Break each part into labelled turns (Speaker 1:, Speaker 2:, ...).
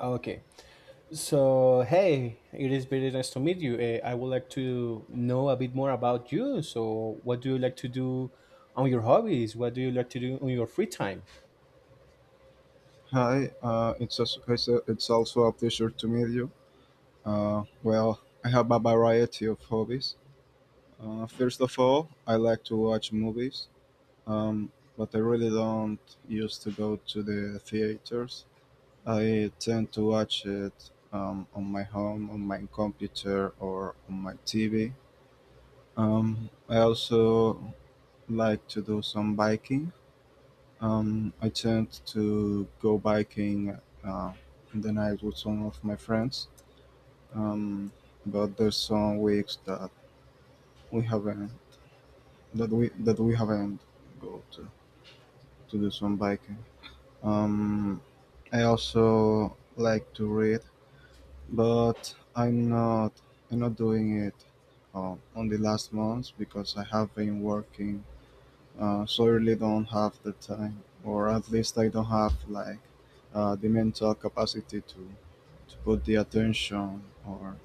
Speaker 1: Okay. So, hey, it is very nice to meet you. I would like to know a bit more about you. So, what do you like to do on your hobbies? What do you like to do on your free time?
Speaker 2: Hi, it's also a pleasure to meet you. Well, I have a variety of hobbies. First of all, I like to watch movies, um, but I really don't used to go to the theaters. I tend to watch it on my home, on my computer, or on my TV. I also like to do some biking. I tend to go biking uh, in the night with some of my friends, um, but there's some weeks we haven't that we haven't go to do some biking. Um, I also like to read, but I'm not doing it on the last months because I have been working. So I really don't have the time, or at least I don't have like, the mental capacity to put the attention, or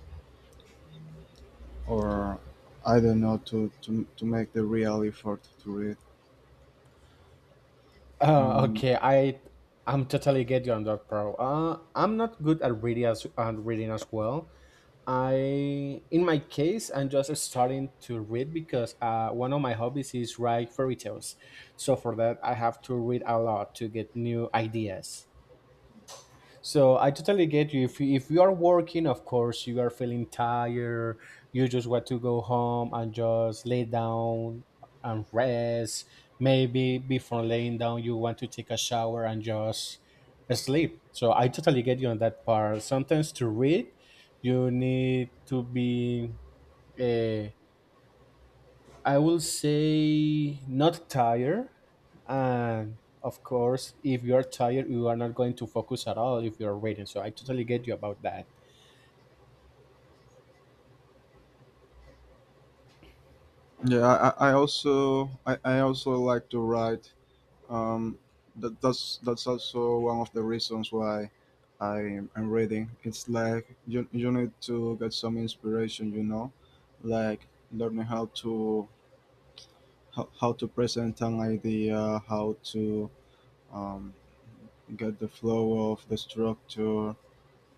Speaker 2: or I don't know, to make the real effort to read. Um,
Speaker 1: Okay, I'm totally get you on that, bro. I'm not good at reading as well. I in my case, I'm just starting to read because one of my hobbies is write fairy tales. So for that, I have to read a lot to get new ideas. So I totally get you. If you, if you are working, of course, you are feeling tired. You just want to go home and just lay down and rest. Maybe before laying down, you want to take a shower and just sleep. So I totally get you on that part. Sometimes to read, you need to be. Uh, I will say not tired. And of course, if you're tired, you are not going to focus at all if you're reading. So I totally get you about that.
Speaker 2: yeah, I also like to write. Um, that's also one of the reasons why I am reading. It's like you need to get some inspiration, like learning how to present an idea, how to um, get the flow of the structure.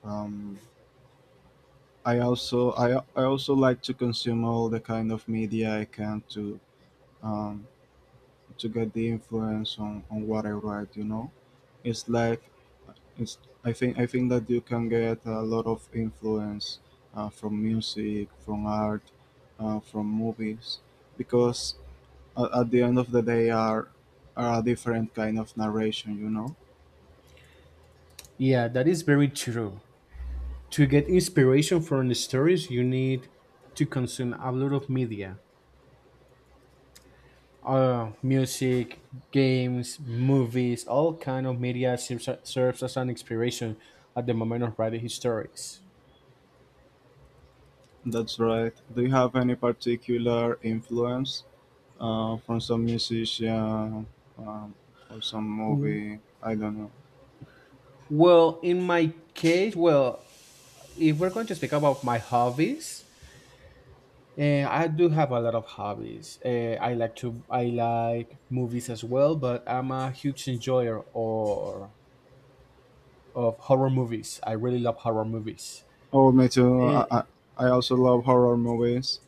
Speaker 2: Um, I also like to consume all the kind of media I can um, to get the influence on what I write. It's like it's I think that you can get a lot of influence from music, from art, from movies because at the end of the day are a different kind of narration.
Speaker 1: Yeah, that is very true. To get inspiration from the stories, you need to consume a lot of media. Music, games, movies, all kind of media serves as an inspiration at the moment of writing his stories.
Speaker 2: That's right. Do you have any particular influence from some musician, um, or some movie? I don't know.
Speaker 1: Well, in my case, well, if we're going to speak about my hobbies, I do have a lot of hobbies. I like movies as well, but I'm a huge enjoyer or of horror movies. I really love horror movies.
Speaker 2: Oh, me too.
Speaker 1: Uh,
Speaker 2: I also love horror movies.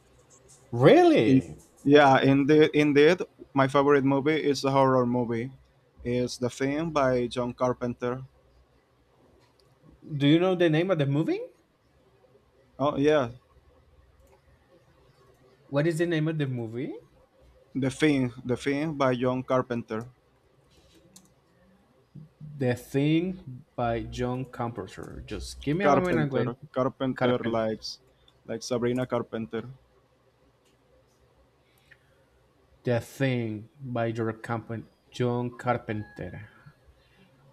Speaker 2: In
Speaker 1: really?
Speaker 2: Yeah,
Speaker 1: Oh,
Speaker 2: indeed. My favorite movie is a horror movie, is The Thing by John Carpenter.
Speaker 1: do you know the name of the movie?
Speaker 2: Oh yeah.
Speaker 1: What is the name of the movie?
Speaker 2: The Thing by John Carpenter.
Speaker 1: The Thing by John Carpenter. Just give me a moment. I'm going
Speaker 2: Carpenter,
Speaker 1: to
Speaker 2: Carpenter
Speaker 1: Carpenter.
Speaker 2: like Sabrina Carpenter.
Speaker 1: The Thing by John Carpenter. John Carpenter.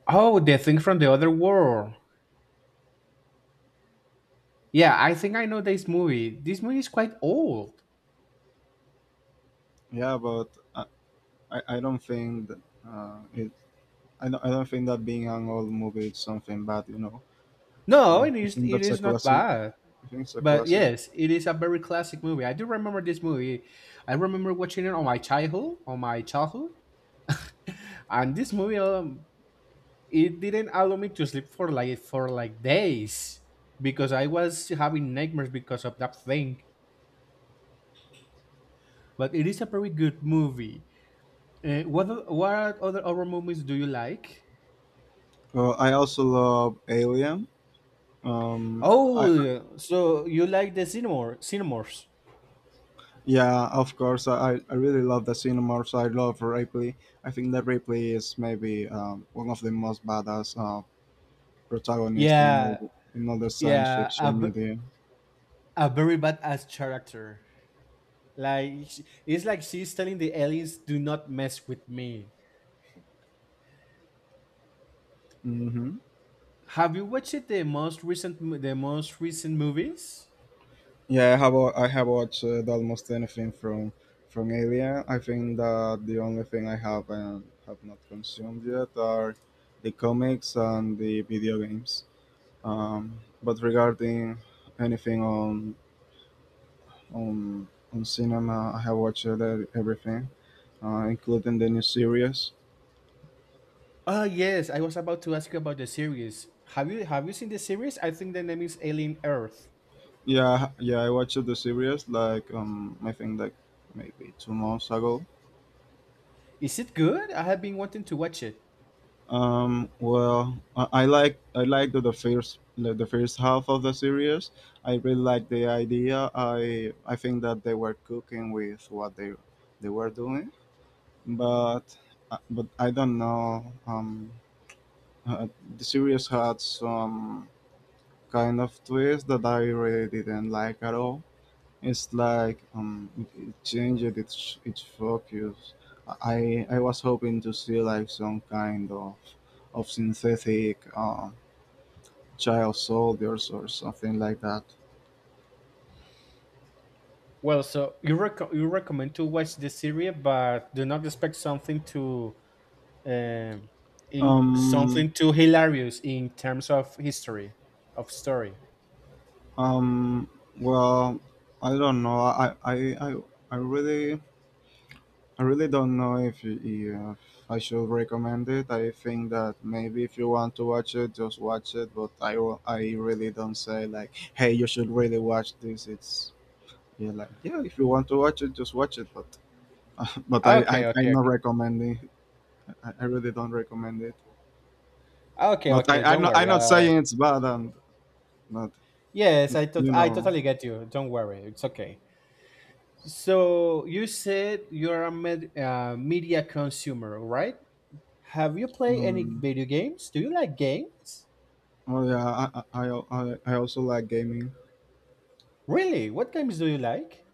Speaker 1: Oh, the thing from the other world. Yeah, I think I know this movie. This movie is quite old.
Speaker 2: Yeah, but I, I don't think that it. I don't think that being an old movie is something bad.
Speaker 1: No, it
Speaker 2: I
Speaker 1: is
Speaker 2: think
Speaker 1: it
Speaker 2: that's a
Speaker 1: is not
Speaker 2: classic.
Speaker 1: bad.
Speaker 2: I think it's a
Speaker 1: But
Speaker 2: classic.
Speaker 1: yes, it is a very classic movie. I do remember this movie. I remember watching it on my childhood. And this movie it didn't allow me to sleep for like days because I was having nightmares because of that thing. But it is a very good movie. What other horror movies do you like?
Speaker 2: I also love Alien. Um, I
Speaker 1: Oh, so you like the Cinemorphs?
Speaker 2: Yeah, of course. I really love the Cinemorphs. I love Ripley. I think that Ripley is maybe, one of the most badass, protagonists in all
Speaker 1: Yeah,
Speaker 2: the, in all the science
Speaker 1: yeah,
Speaker 2: fiction media.
Speaker 1: a very badass character. Like sh- it's like she's telling the aliens, "Do not mess with me."
Speaker 2: Hmm.
Speaker 1: Have you watched it, the most recent movies?
Speaker 2: Yeah, I have watched almost anything from Alien. I think that the only thing I have and have not consumed yet are the comics and the video games. But regarding anything on on cinema, I have watched everything, including the new series.
Speaker 1: Oh yes, I was about to ask you about the series. Have you seen the series? I think the name is Alien Earth.
Speaker 2: Yeah, yeah, I watched the series like, I think like maybe 2 months ago.
Speaker 1: Is it good? I have been wanting to watch it.
Speaker 2: Well, I liked the first half of the series. I really like the idea. I think that they were cooking with what they were doing, but, I don't know. Uh, the series had some kind of twist that I really didn't like at all. It's like, it changed its focus. I was hoping to see like some kind of synthetic, child soldiers or something like that.
Speaker 1: Well, so you recommend to watch the series, but do not expect something to um, in
Speaker 2: Um
Speaker 1: something too hilarious in terms of history of story.
Speaker 2: um. Well, I don't know. I, I really. I really don't know if I should recommend it. I think that maybe if you want to watch it, just watch it. But, I really don't say like, hey, you should really watch this. It's Yeah, like, yeah, if you want to watch it, just watch it. But but I, I
Speaker 1: Okay, okay,
Speaker 2: I'm
Speaker 1: okay,
Speaker 2: not recommending. I really don't recommend it.
Speaker 1: okay,
Speaker 2: But I
Speaker 1: okay.
Speaker 2: I'm
Speaker 1: Don't
Speaker 2: not,
Speaker 1: worry.
Speaker 2: I'm not
Speaker 1: I,
Speaker 2: saying it's bad and not
Speaker 1: yes, I tot
Speaker 2: you
Speaker 1: I
Speaker 2: know.
Speaker 1: totally get you. Don't worry. It's okay. So you said you're a media consumer, right? Have you played any
Speaker 2: Um,
Speaker 1: video games? Do you like games?
Speaker 2: oh yeah, I also like gaming.
Speaker 1: Really? What games do you like?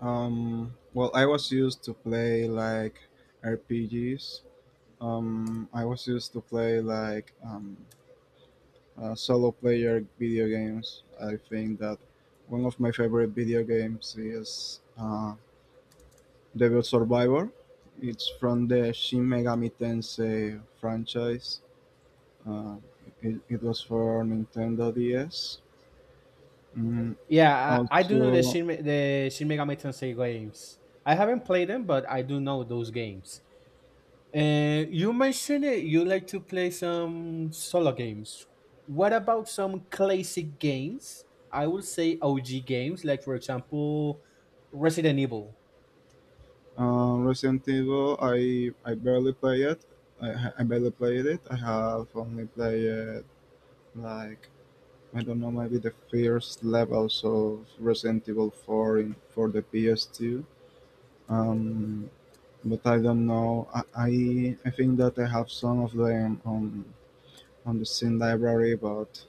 Speaker 2: Well, I was used to play like RPGs. I was used to play like, solo player video games. I think that one of my favorite video games is, Devil Survivor. It's from the Shin Megami Tensei franchise. Uh, it was for Nintendo DS. Mm,
Speaker 1: Yeah, I do know the
Speaker 2: Also,
Speaker 1: Shin Megami Tensei games. I haven't played them, but I do know those games. You mentioned it, you like to play some solo games. What about some classic games? I would say OG games, like for example, Resident Evil.
Speaker 2: Resident Evil, I barely play it. I barely played it. I have only played like, I don't know, maybe the first levels of Resident Evil 4 for the PS2. Um, but I don't know. I think that I have some of them on the same library, but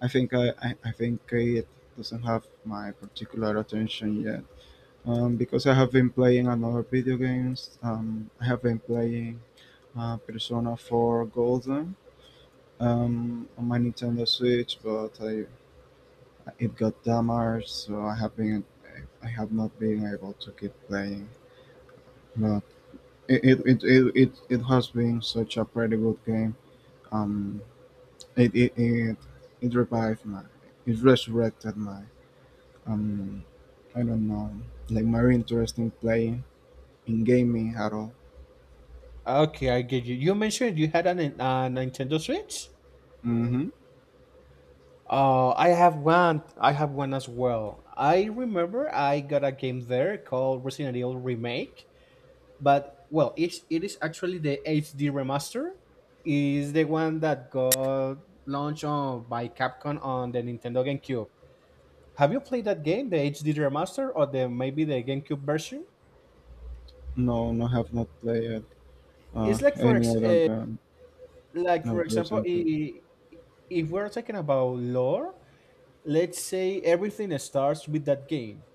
Speaker 2: I think it doesn't have my particular attention yet. Because I have been playing another video games. I have been playing, Persona 4 Golden, on my Nintendo Switch, it got damaged, so I have not been able to keep playing. But it has been such a pretty good game. Um, it, it, it, it revived my, it resurrected my, um I don't know, like more interesting playing in gaming at all.
Speaker 1: Okay, I get you. You mentioned you had a Nintendo Switch.
Speaker 2: Mm-hmm.
Speaker 1: I have one. I have one as well. I remember I got a game there called Resident Evil Remake, but well it is actually the HD remaster. Is the one that got launched on by Capcom on the Nintendo GameCube. Have you played that game, the HD remaster, or the maybe the GameCube version?
Speaker 2: No, no, have not played
Speaker 1: It's like for
Speaker 2: any
Speaker 1: ex-
Speaker 2: other game.
Speaker 1: like for
Speaker 2: No
Speaker 1: example
Speaker 2: recently.
Speaker 1: I- If we're talking about lore, let's say everything starts with that game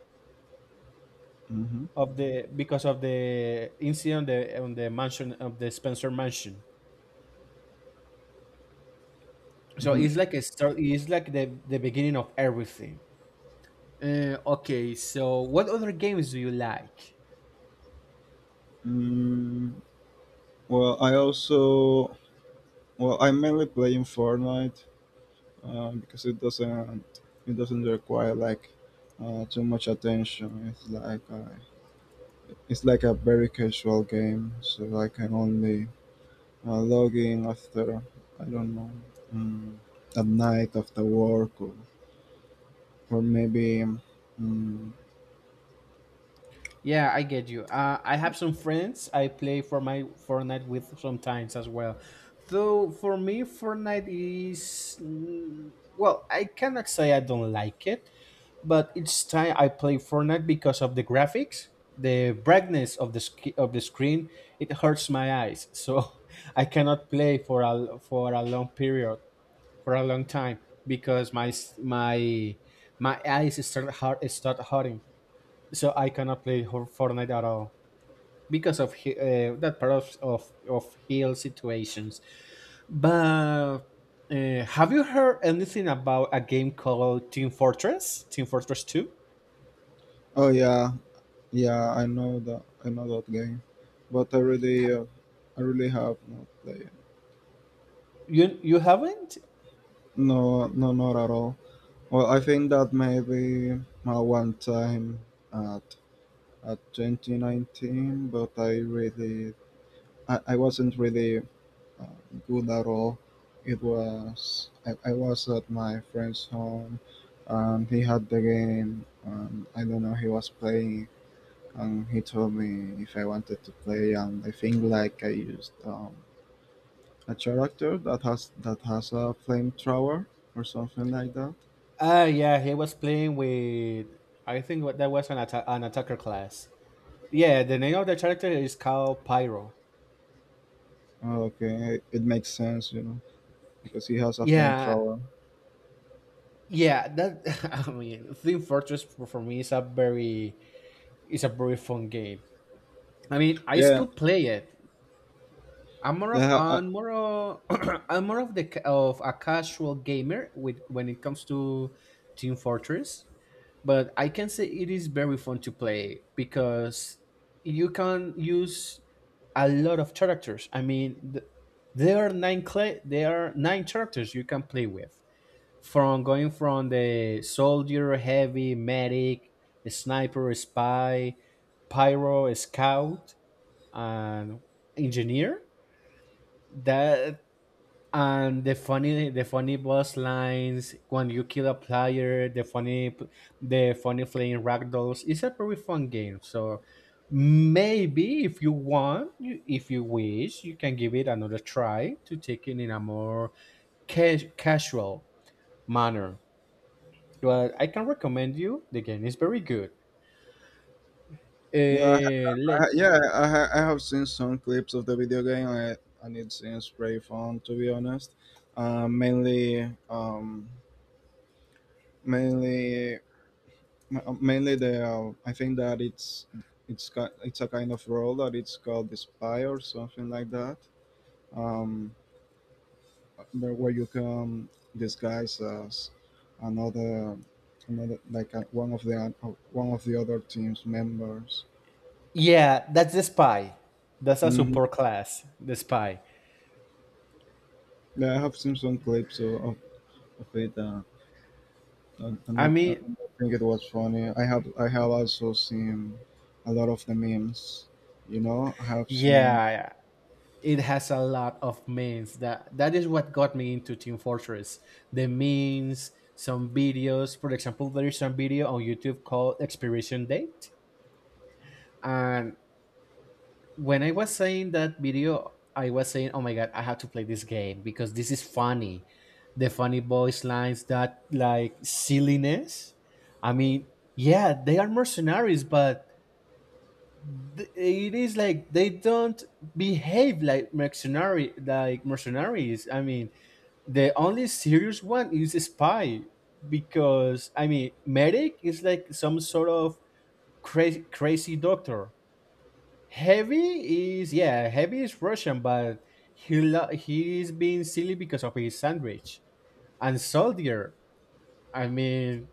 Speaker 2: Mm-hmm.
Speaker 1: of the, because of the incident on the, on the mansion of the Spencer mansion. So
Speaker 2: Mm-hmm.
Speaker 1: it's like a start. It's like the beginning of everything. Okay, so what other games do you like?
Speaker 2: Mm, well, I'm mainly playing Fortnite because it doesn't require like, too much attention. It's like, it's like a very casual game, so I can only logging after, I don't know, mm, at night after work, or maybe, mm,
Speaker 1: Yeah, I get you. I have some friends I play for my Fortnite with sometimes as well. Though for me, Fortnite is mm, well, I cannot say I don't like it, but each time I play Fortnite because of the graphics, the brightness of the screen, it hurts my eyes. So I cannot play for a long period, for a long time because my my eyes start hurting, so I cannot play Fortnite at all because of that part of of heal situations. But have you heard anything about a game called Team Fortress? Team Fortress Two?
Speaker 2: oh yeah, yeah, I know that game, but I really have not played.
Speaker 1: You haven't?
Speaker 2: No, no, not at all. Well, I think that maybe, one time at at 2019, but I really, I wasn't really, uh, good at all. I was at my friend's home, and he had the game, and I don't know he was playing, and he told me if I wanted to play, and I think like I used, a character that has a flamethrower or something like that.
Speaker 1: Ah, yeah, he was playing with. I think what that was an an attacker class. Yeah, the name of the character is called Pyro.
Speaker 2: Oh, okay, it makes sense, because he has a
Speaker 1: Yeah,
Speaker 2: flamethrower.
Speaker 1: yeah, that I mean, Team Fortress for me is a very fun game. I mean, I
Speaker 2: Yeah,
Speaker 1: still play it.
Speaker 2: yeah,
Speaker 1: I'm more of, I'm more of the of a casual gamer with when it comes to Team Fortress, but I can say it is very fun to play because you can use a lot of characters. I mean, there are nine characters you can play with from going from the soldier, heavy, medic, sniper, spy, pyro, scout, and engineer. That and the funny boss lines when you kill a player, the funny flying ragdolls. It's a very fun game. So maybe if you want, if you wish, you can give it another try to take it in a more casual manner. But I can recommend you the game. Is very good.
Speaker 2: yeah.
Speaker 1: Uh, let,
Speaker 2: Yeah, I have seen some clips of the video game, and it seems pretty fun to be honest. Uh, mainly, um, mainly, mainly the I think that it's a kind of role that it's called the spy or something like that, um, where you can disguise as another another, like, one of the, one of the other team's members.
Speaker 1: yeah, that's the spy. That's a
Speaker 2: Hmm.
Speaker 1: support class. The spy.
Speaker 2: Yeah, I have seen some clips of it.
Speaker 1: I
Speaker 2: I
Speaker 1: mean,
Speaker 2: think it was funny. I have also seen a lot of the memes. I have seen.
Speaker 1: yeah, it has a lot of memes. That that is what got me into Team Fortress. The memes, some videos. For example, there is some video on YouTube called Expiration Date, and when I was saying that video, I was saying, "Oh my god, I have to play this game because this is funny." The funny voice lines, that like silliness. I mean, yeah, they are mercenaries, but it is like they don't behave like like mercenaries. I mean, the only serious one is a spy because I mean, medic is like some sort of crazy, crazy doctor. Heavy is yeah, Heavy is Russian, but he's being silly because of his sandwich and soldier. I mean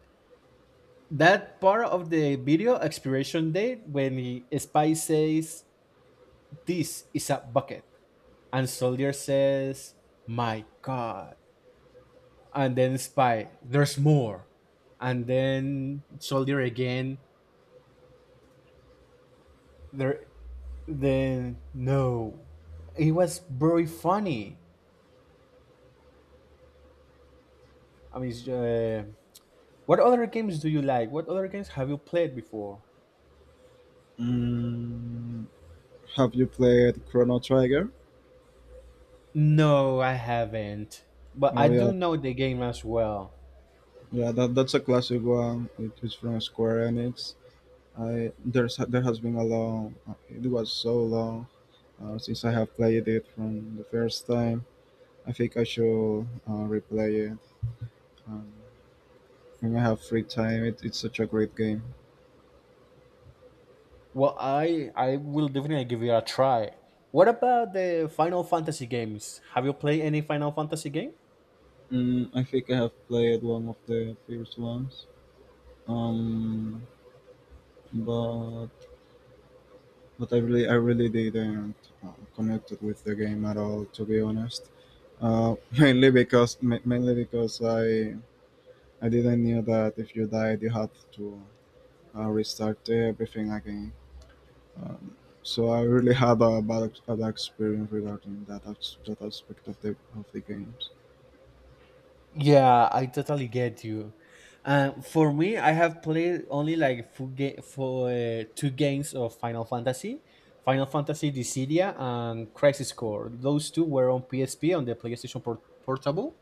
Speaker 1: that part of the video expiration date when he, Spy says this is a bucket and soldier says my god and then Spy there's more and then soldier again there then no, it was very funny. I mean, it's, what other games do you like? What other games have you played before?
Speaker 2: Mm, have you played Chrono Trigger?
Speaker 1: No, I haven't. But I
Speaker 2: Oh
Speaker 1: do
Speaker 2: yeah,
Speaker 1: know the game as well.
Speaker 2: yeah. That's a classic one. It is from Square Enix. I there's there has been a long. It was so long, since I have played it from the first time. I think I should, replay it. Um, when I have free time, it's such a great game.
Speaker 1: Well, I will definitely give it a try. What about the Final Fantasy games? Have you played any Final Fantasy game?
Speaker 2: I think I have played one of the first ones, um, but but I really didn't, connect with the game at all, to be honest. Mainly because I didn't knew that if you died you had to, restart everything again. So I really had a bad experience regarding that aspect of the games.
Speaker 1: Yeah, I totally get you. For me, I have played only like four ga- for two games of Final Fantasy, Final Fantasy Dissidia and Crisis Core. Those two were on PSP, on the PlayStation Portable,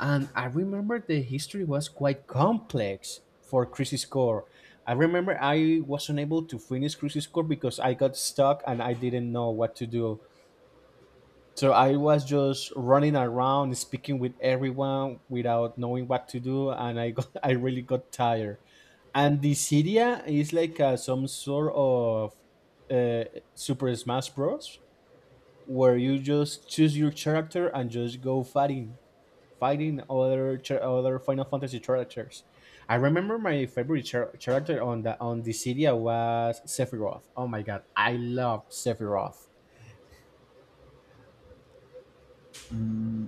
Speaker 1: and I remember the history was quite complex for Crisis Core. I remember I was unable to finish Crisis Core because I got stuck and I didn't know what to do. So I was just running around speaking with everyone without knowing what to do and I got, I really got tired. And the Cydia is like some sort of uh, Super Smash Bros where you just choose your character and just go fighting other other Final Fantasy characters. I remember my favorite character on the Cydia was Sephiroth. Oh my god, I love Sephiroth.
Speaker 2: Mm.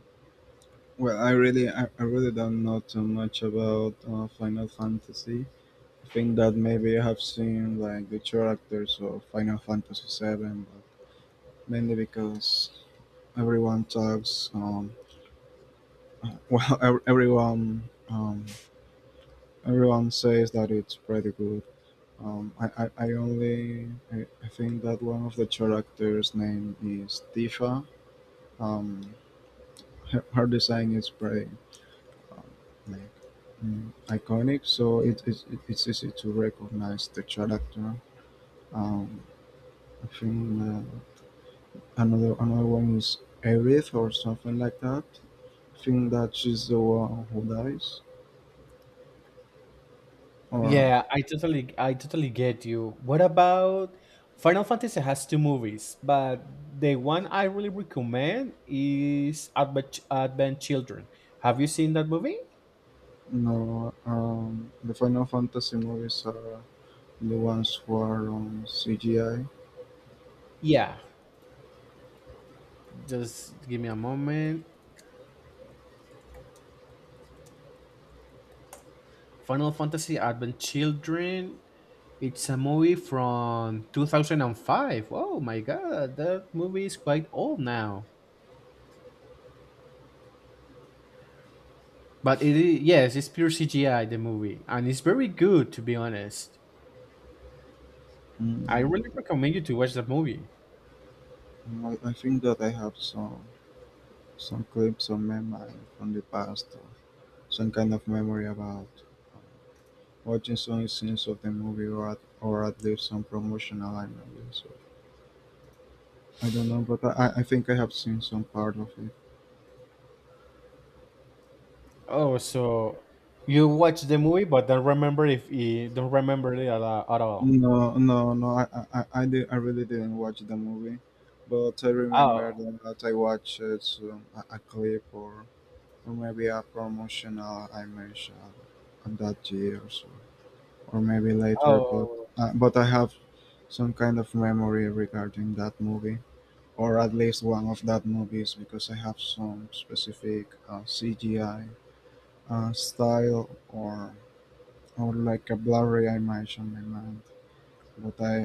Speaker 2: Well, I really don't know too much about, Final Fantasy. I think that maybe I have seen like the characters of Final Fantasy Seven, but mainly because everyone talks. Well, ev- everyone, um, everyone says that it's pretty good. Um, I, I, I only, I think that one of the characters' name is Tifa. Um, her design is pretty, um, nice. Iconic, so it's easy to recognize the character. Um, I think, another one is Aerith or something like that. I think that she's the one who dies. Or
Speaker 1: Yeah, I totally get you. What about Final Fantasy has two movies, but the one I really recommend is Advent Children. Have you seen that movie?
Speaker 2: No, the Final Fantasy movies are the ones who are on CGI.
Speaker 1: Yeah, just give me a moment. Final Fantasy Advent Children. It's a movie from 2005. Oh my god, that movie is quite old now. But it is, yes, it's pure CGI the movie and it's very good to be honest. I
Speaker 2: Mm,
Speaker 1: really recommend you to watch that movie.
Speaker 2: I think that I have some clips or memory from the past, or some kind of memory about watching some scenes of the movie, or at least some promotional images. I don't know, but I think I have seen some part of it.
Speaker 1: Oh, so you watch the movie but don't remember it at all.
Speaker 2: No, no, no. I really didn't watch the movie, but I
Speaker 1: Oh,
Speaker 2: remember that I watched, a clip, or maybe a promotional image, of that year or so, or maybe later. But
Speaker 1: oh.
Speaker 2: uh, but I have some kind of memory regarding that movie. Or at least one of that movies because I have some specific CGI style or like a blurry image on my mind. But I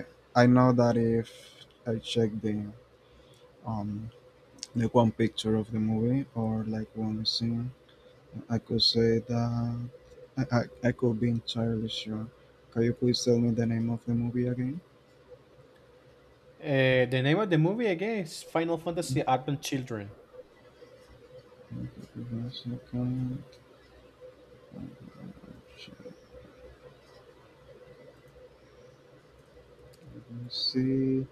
Speaker 2: I know that if I check the um like one picture of the movie or like one scene, I could say that I, I, I could be entirely sure. Can you please tell me the name of the movie again?
Speaker 1: The name of the movie again is Final Fantasy Advent Children.
Speaker 2: Give me a second. Let me see.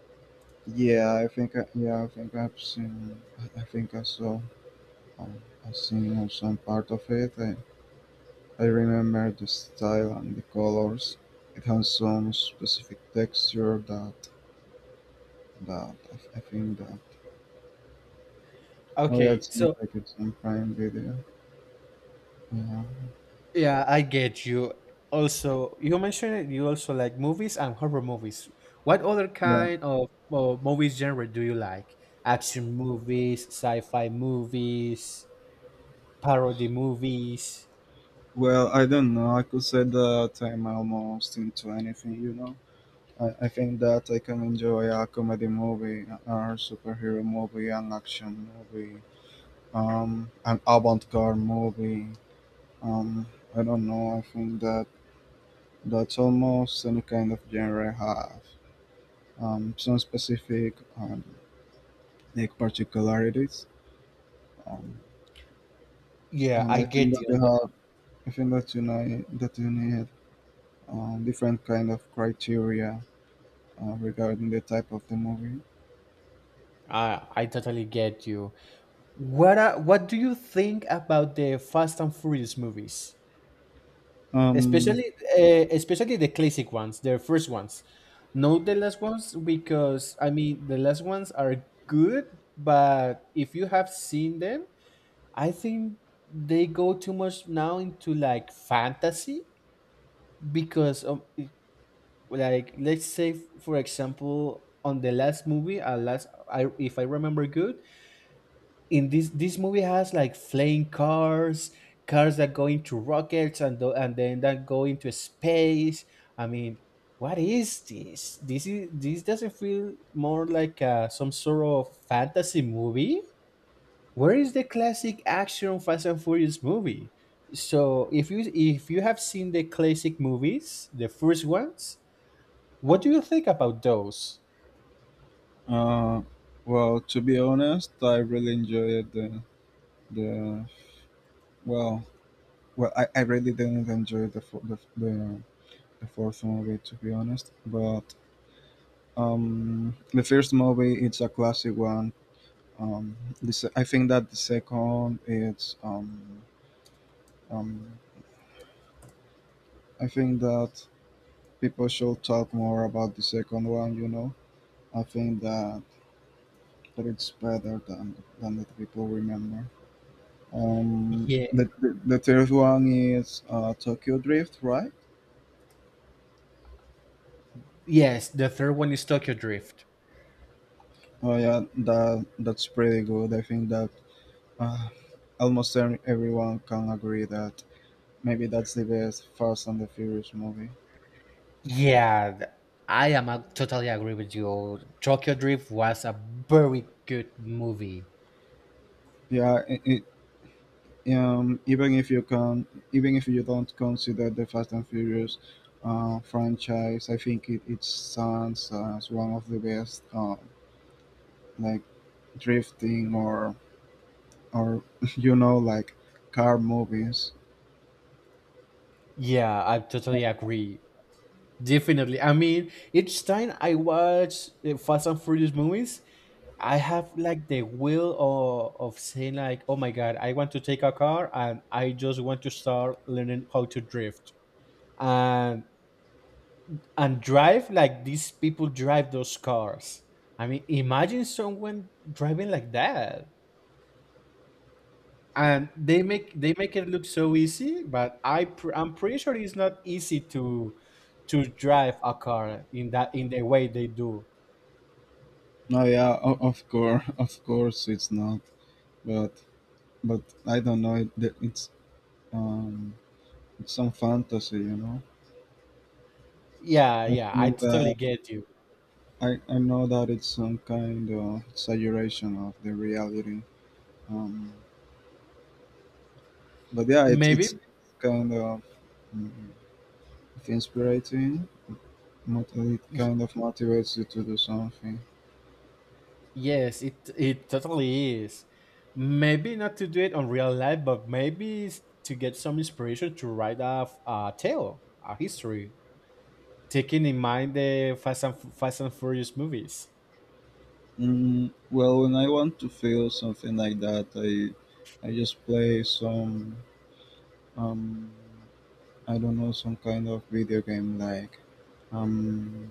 Speaker 2: Yeah, yeah, I think I've seen. I think I saw. I seen on some part of it. I remember the style and the colors. It has some specific texture that I think that. Oh yeah, it
Speaker 1: Okay,
Speaker 2: seems
Speaker 1: so
Speaker 2: like it's in Prime Video. Yeah,
Speaker 1: yeah, I get you. Also, you mentioned that you also like movies and horror movies. What other
Speaker 2: yeah.
Speaker 1: kind of movies genre do you like? Action movies, sci-fi movies, parody movies.
Speaker 2: Well, I don't know. I could say that I'm almost into anything, you know. I think that I can enjoy a comedy movie, a superhero movie, an action movie, an avant-garde movie. Um, I don't know. I think that that's almost any kind of genre have some specific like particularities, um,
Speaker 1: Yeah,
Speaker 2: and
Speaker 1: I
Speaker 2: I think
Speaker 1: get
Speaker 2: that
Speaker 1: you.
Speaker 2: they have. I think that you need different kind of criteria regarding the type of the movie.
Speaker 1: I totally get you. What do you think about the Fast and Furious movies?
Speaker 2: Um.
Speaker 1: Especially especially the classic ones, the first ones. Not the last ones, because I mean the last ones are good, but if you have seen them, I think they go too much now into like fantasy, because like let's say for example on the last movie, last, I if I remember good, in this movie has like flying cars, cars that go into rockets, and then that go into space. I mean, what is this? This is this doesn't feel more like some sort of fantasy movie? Where is the classic action Fast and Furious movie? So if you have seen the classic movies, the first ones, what do you think about those?
Speaker 2: Uh, well, to be honest, I really enjoyed the well. Well, I really didn't enjoy the, fo- the fourth movie to be honest, but the first movie, it's a classic one. um this I think that the second, it's um I think that people should talk more about the second one, you know. I think that it's better than that people remember.
Speaker 1: Yeah,
Speaker 2: The third one is Tokyo Drift, right?
Speaker 1: yes, the third one is Tokyo Drift.
Speaker 2: Oh yeah, that that's pretty good. I think that uh, almost everyone can agree that maybe that's the best Fast and the Furious movie.
Speaker 1: Yeah, th- I am totally agree with you. Tokyo Drift was a very good movie.
Speaker 2: Yeah, it even if you can, even if you don't consider the Fast and Furious franchise, I think it stands as one of the best like drifting or you know, like car movies.
Speaker 1: Yeah, I totally agree. Definitely. I mean, each time I watch the Fast and Furious movies, I have like the will of saying like, oh my god, I want to take a car and I just want to start learning how to drift, and and drive like these people drive those cars. I mean, imagine someone driving like that. And they make it look so easy, but I'm pretty sure it's not easy to drive a car in that, in the way they do.
Speaker 2: No, yeah, of course, of course, it's not, but but I don't know. Um, it's some fantasy, you know.
Speaker 1: Yeah,
Speaker 2: I
Speaker 1: yeah, I
Speaker 2: think
Speaker 1: totally
Speaker 2: that
Speaker 1: get you.
Speaker 2: I know that it's some kind of exaggeration of the reality, um, but yeah, it's
Speaker 1: Maybe
Speaker 2: kind of mm, inspiring. It
Speaker 1: y-
Speaker 2: kind of motivates you to do something.
Speaker 1: yes, it totally is. Maybe not to do it on real life, but maybe to get some inspiration to write a tale, a history, taking in mind the Fast and Furious movies.
Speaker 2: Well, when I want to feel something like that, I just play some um, I don't know, some kind of video game like um,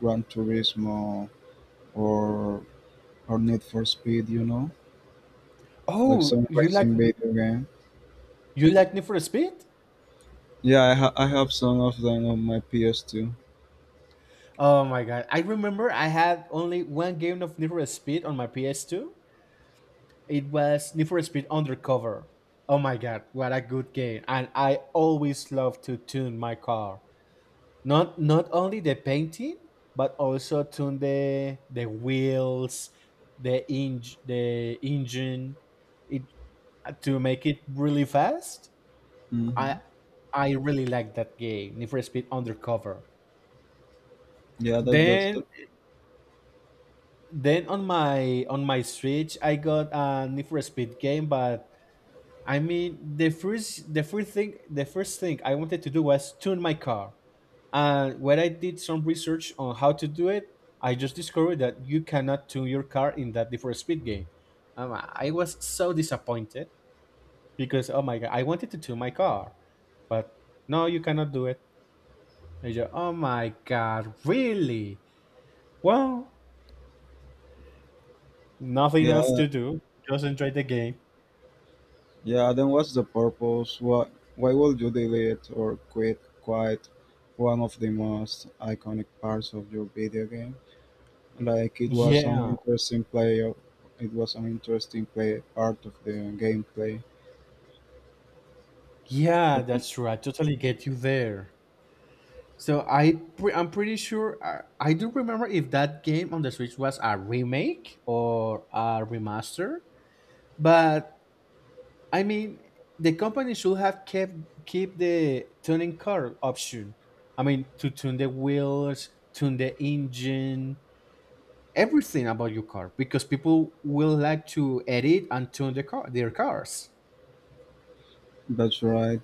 Speaker 2: Gran Turismo or or Need for Speed, you know, like
Speaker 1: Oh,
Speaker 2: some
Speaker 1: you like,
Speaker 2: racing video game.
Speaker 1: you like Need for Speed?
Speaker 2: Yeah, I have some of them on my PS2.
Speaker 1: Oh my god, I remember I had only one game of Need for Speed on my PS2. It was Need for Speed Undercover. Oh my god, what a good game. And I always love to tune my car. Not not only the painting, but also tune the wheels, the eng the engine, it, to make it really fast. I
Speaker 2: hmm
Speaker 1: I really like that game, Need for Speed Undercover.
Speaker 2: Yeah, that, that's
Speaker 1: Then
Speaker 2: the.
Speaker 1: on my Switch, I got a Need for Speed game, but I mean the first thing the first thing I wanted to do was tune my car. And when I did some research on how to do it, I just discovered that you cannot tune your car in that Need for Speed game. I was so disappointed, because oh my god, I wanted to tune my car, but no, you cannot do it. I, you, oh my god, really? Well, nothing
Speaker 2: Yeah,
Speaker 1: else to do. Just enjoy the game.
Speaker 2: yeah. Then what's the purpose? Why would you delete or quite one of the most iconic parts of your video game? Like it was an
Speaker 1: Yeah,
Speaker 2: interesting play. It was an interesting play part of the gameplay.
Speaker 1: yeah,
Speaker 2: It,
Speaker 1: that's true. I totally get you there. I'm pretty sure I do remember if that game on the Switch was a remake or a remaster, but I mean the company should have kept keep the tuning car option. I mean, to tune the wheels, tune the engine, everything about your car, because people will like to edit and tune their cars.
Speaker 2: that's right.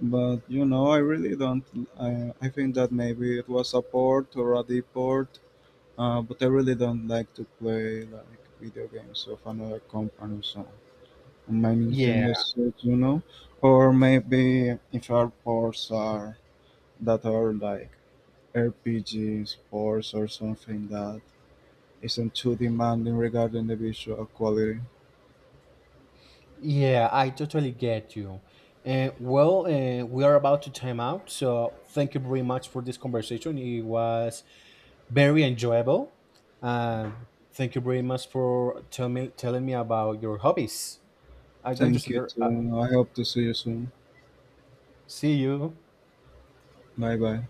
Speaker 2: But you know, I really don't. I think that maybe it was a port or a deport. But I really don't like to play like video games of another company, so on my
Speaker 1: Yeah,
Speaker 2: Nintendo Switch, you know, or maybe if our ports are that are like RPG sports or something that isn't too demanding regarding the visual quality.
Speaker 1: yeah, I totally get you. Well, we are about to time out, so thank you very much for this conversation. It was very enjoyable. Uh, thank you very much for telling me about your hobbies. I'm going to
Speaker 2: Thank
Speaker 1: sit
Speaker 2: you
Speaker 1: there.
Speaker 2: too. I hope to see you soon.
Speaker 1: See you.
Speaker 2: Bye bye.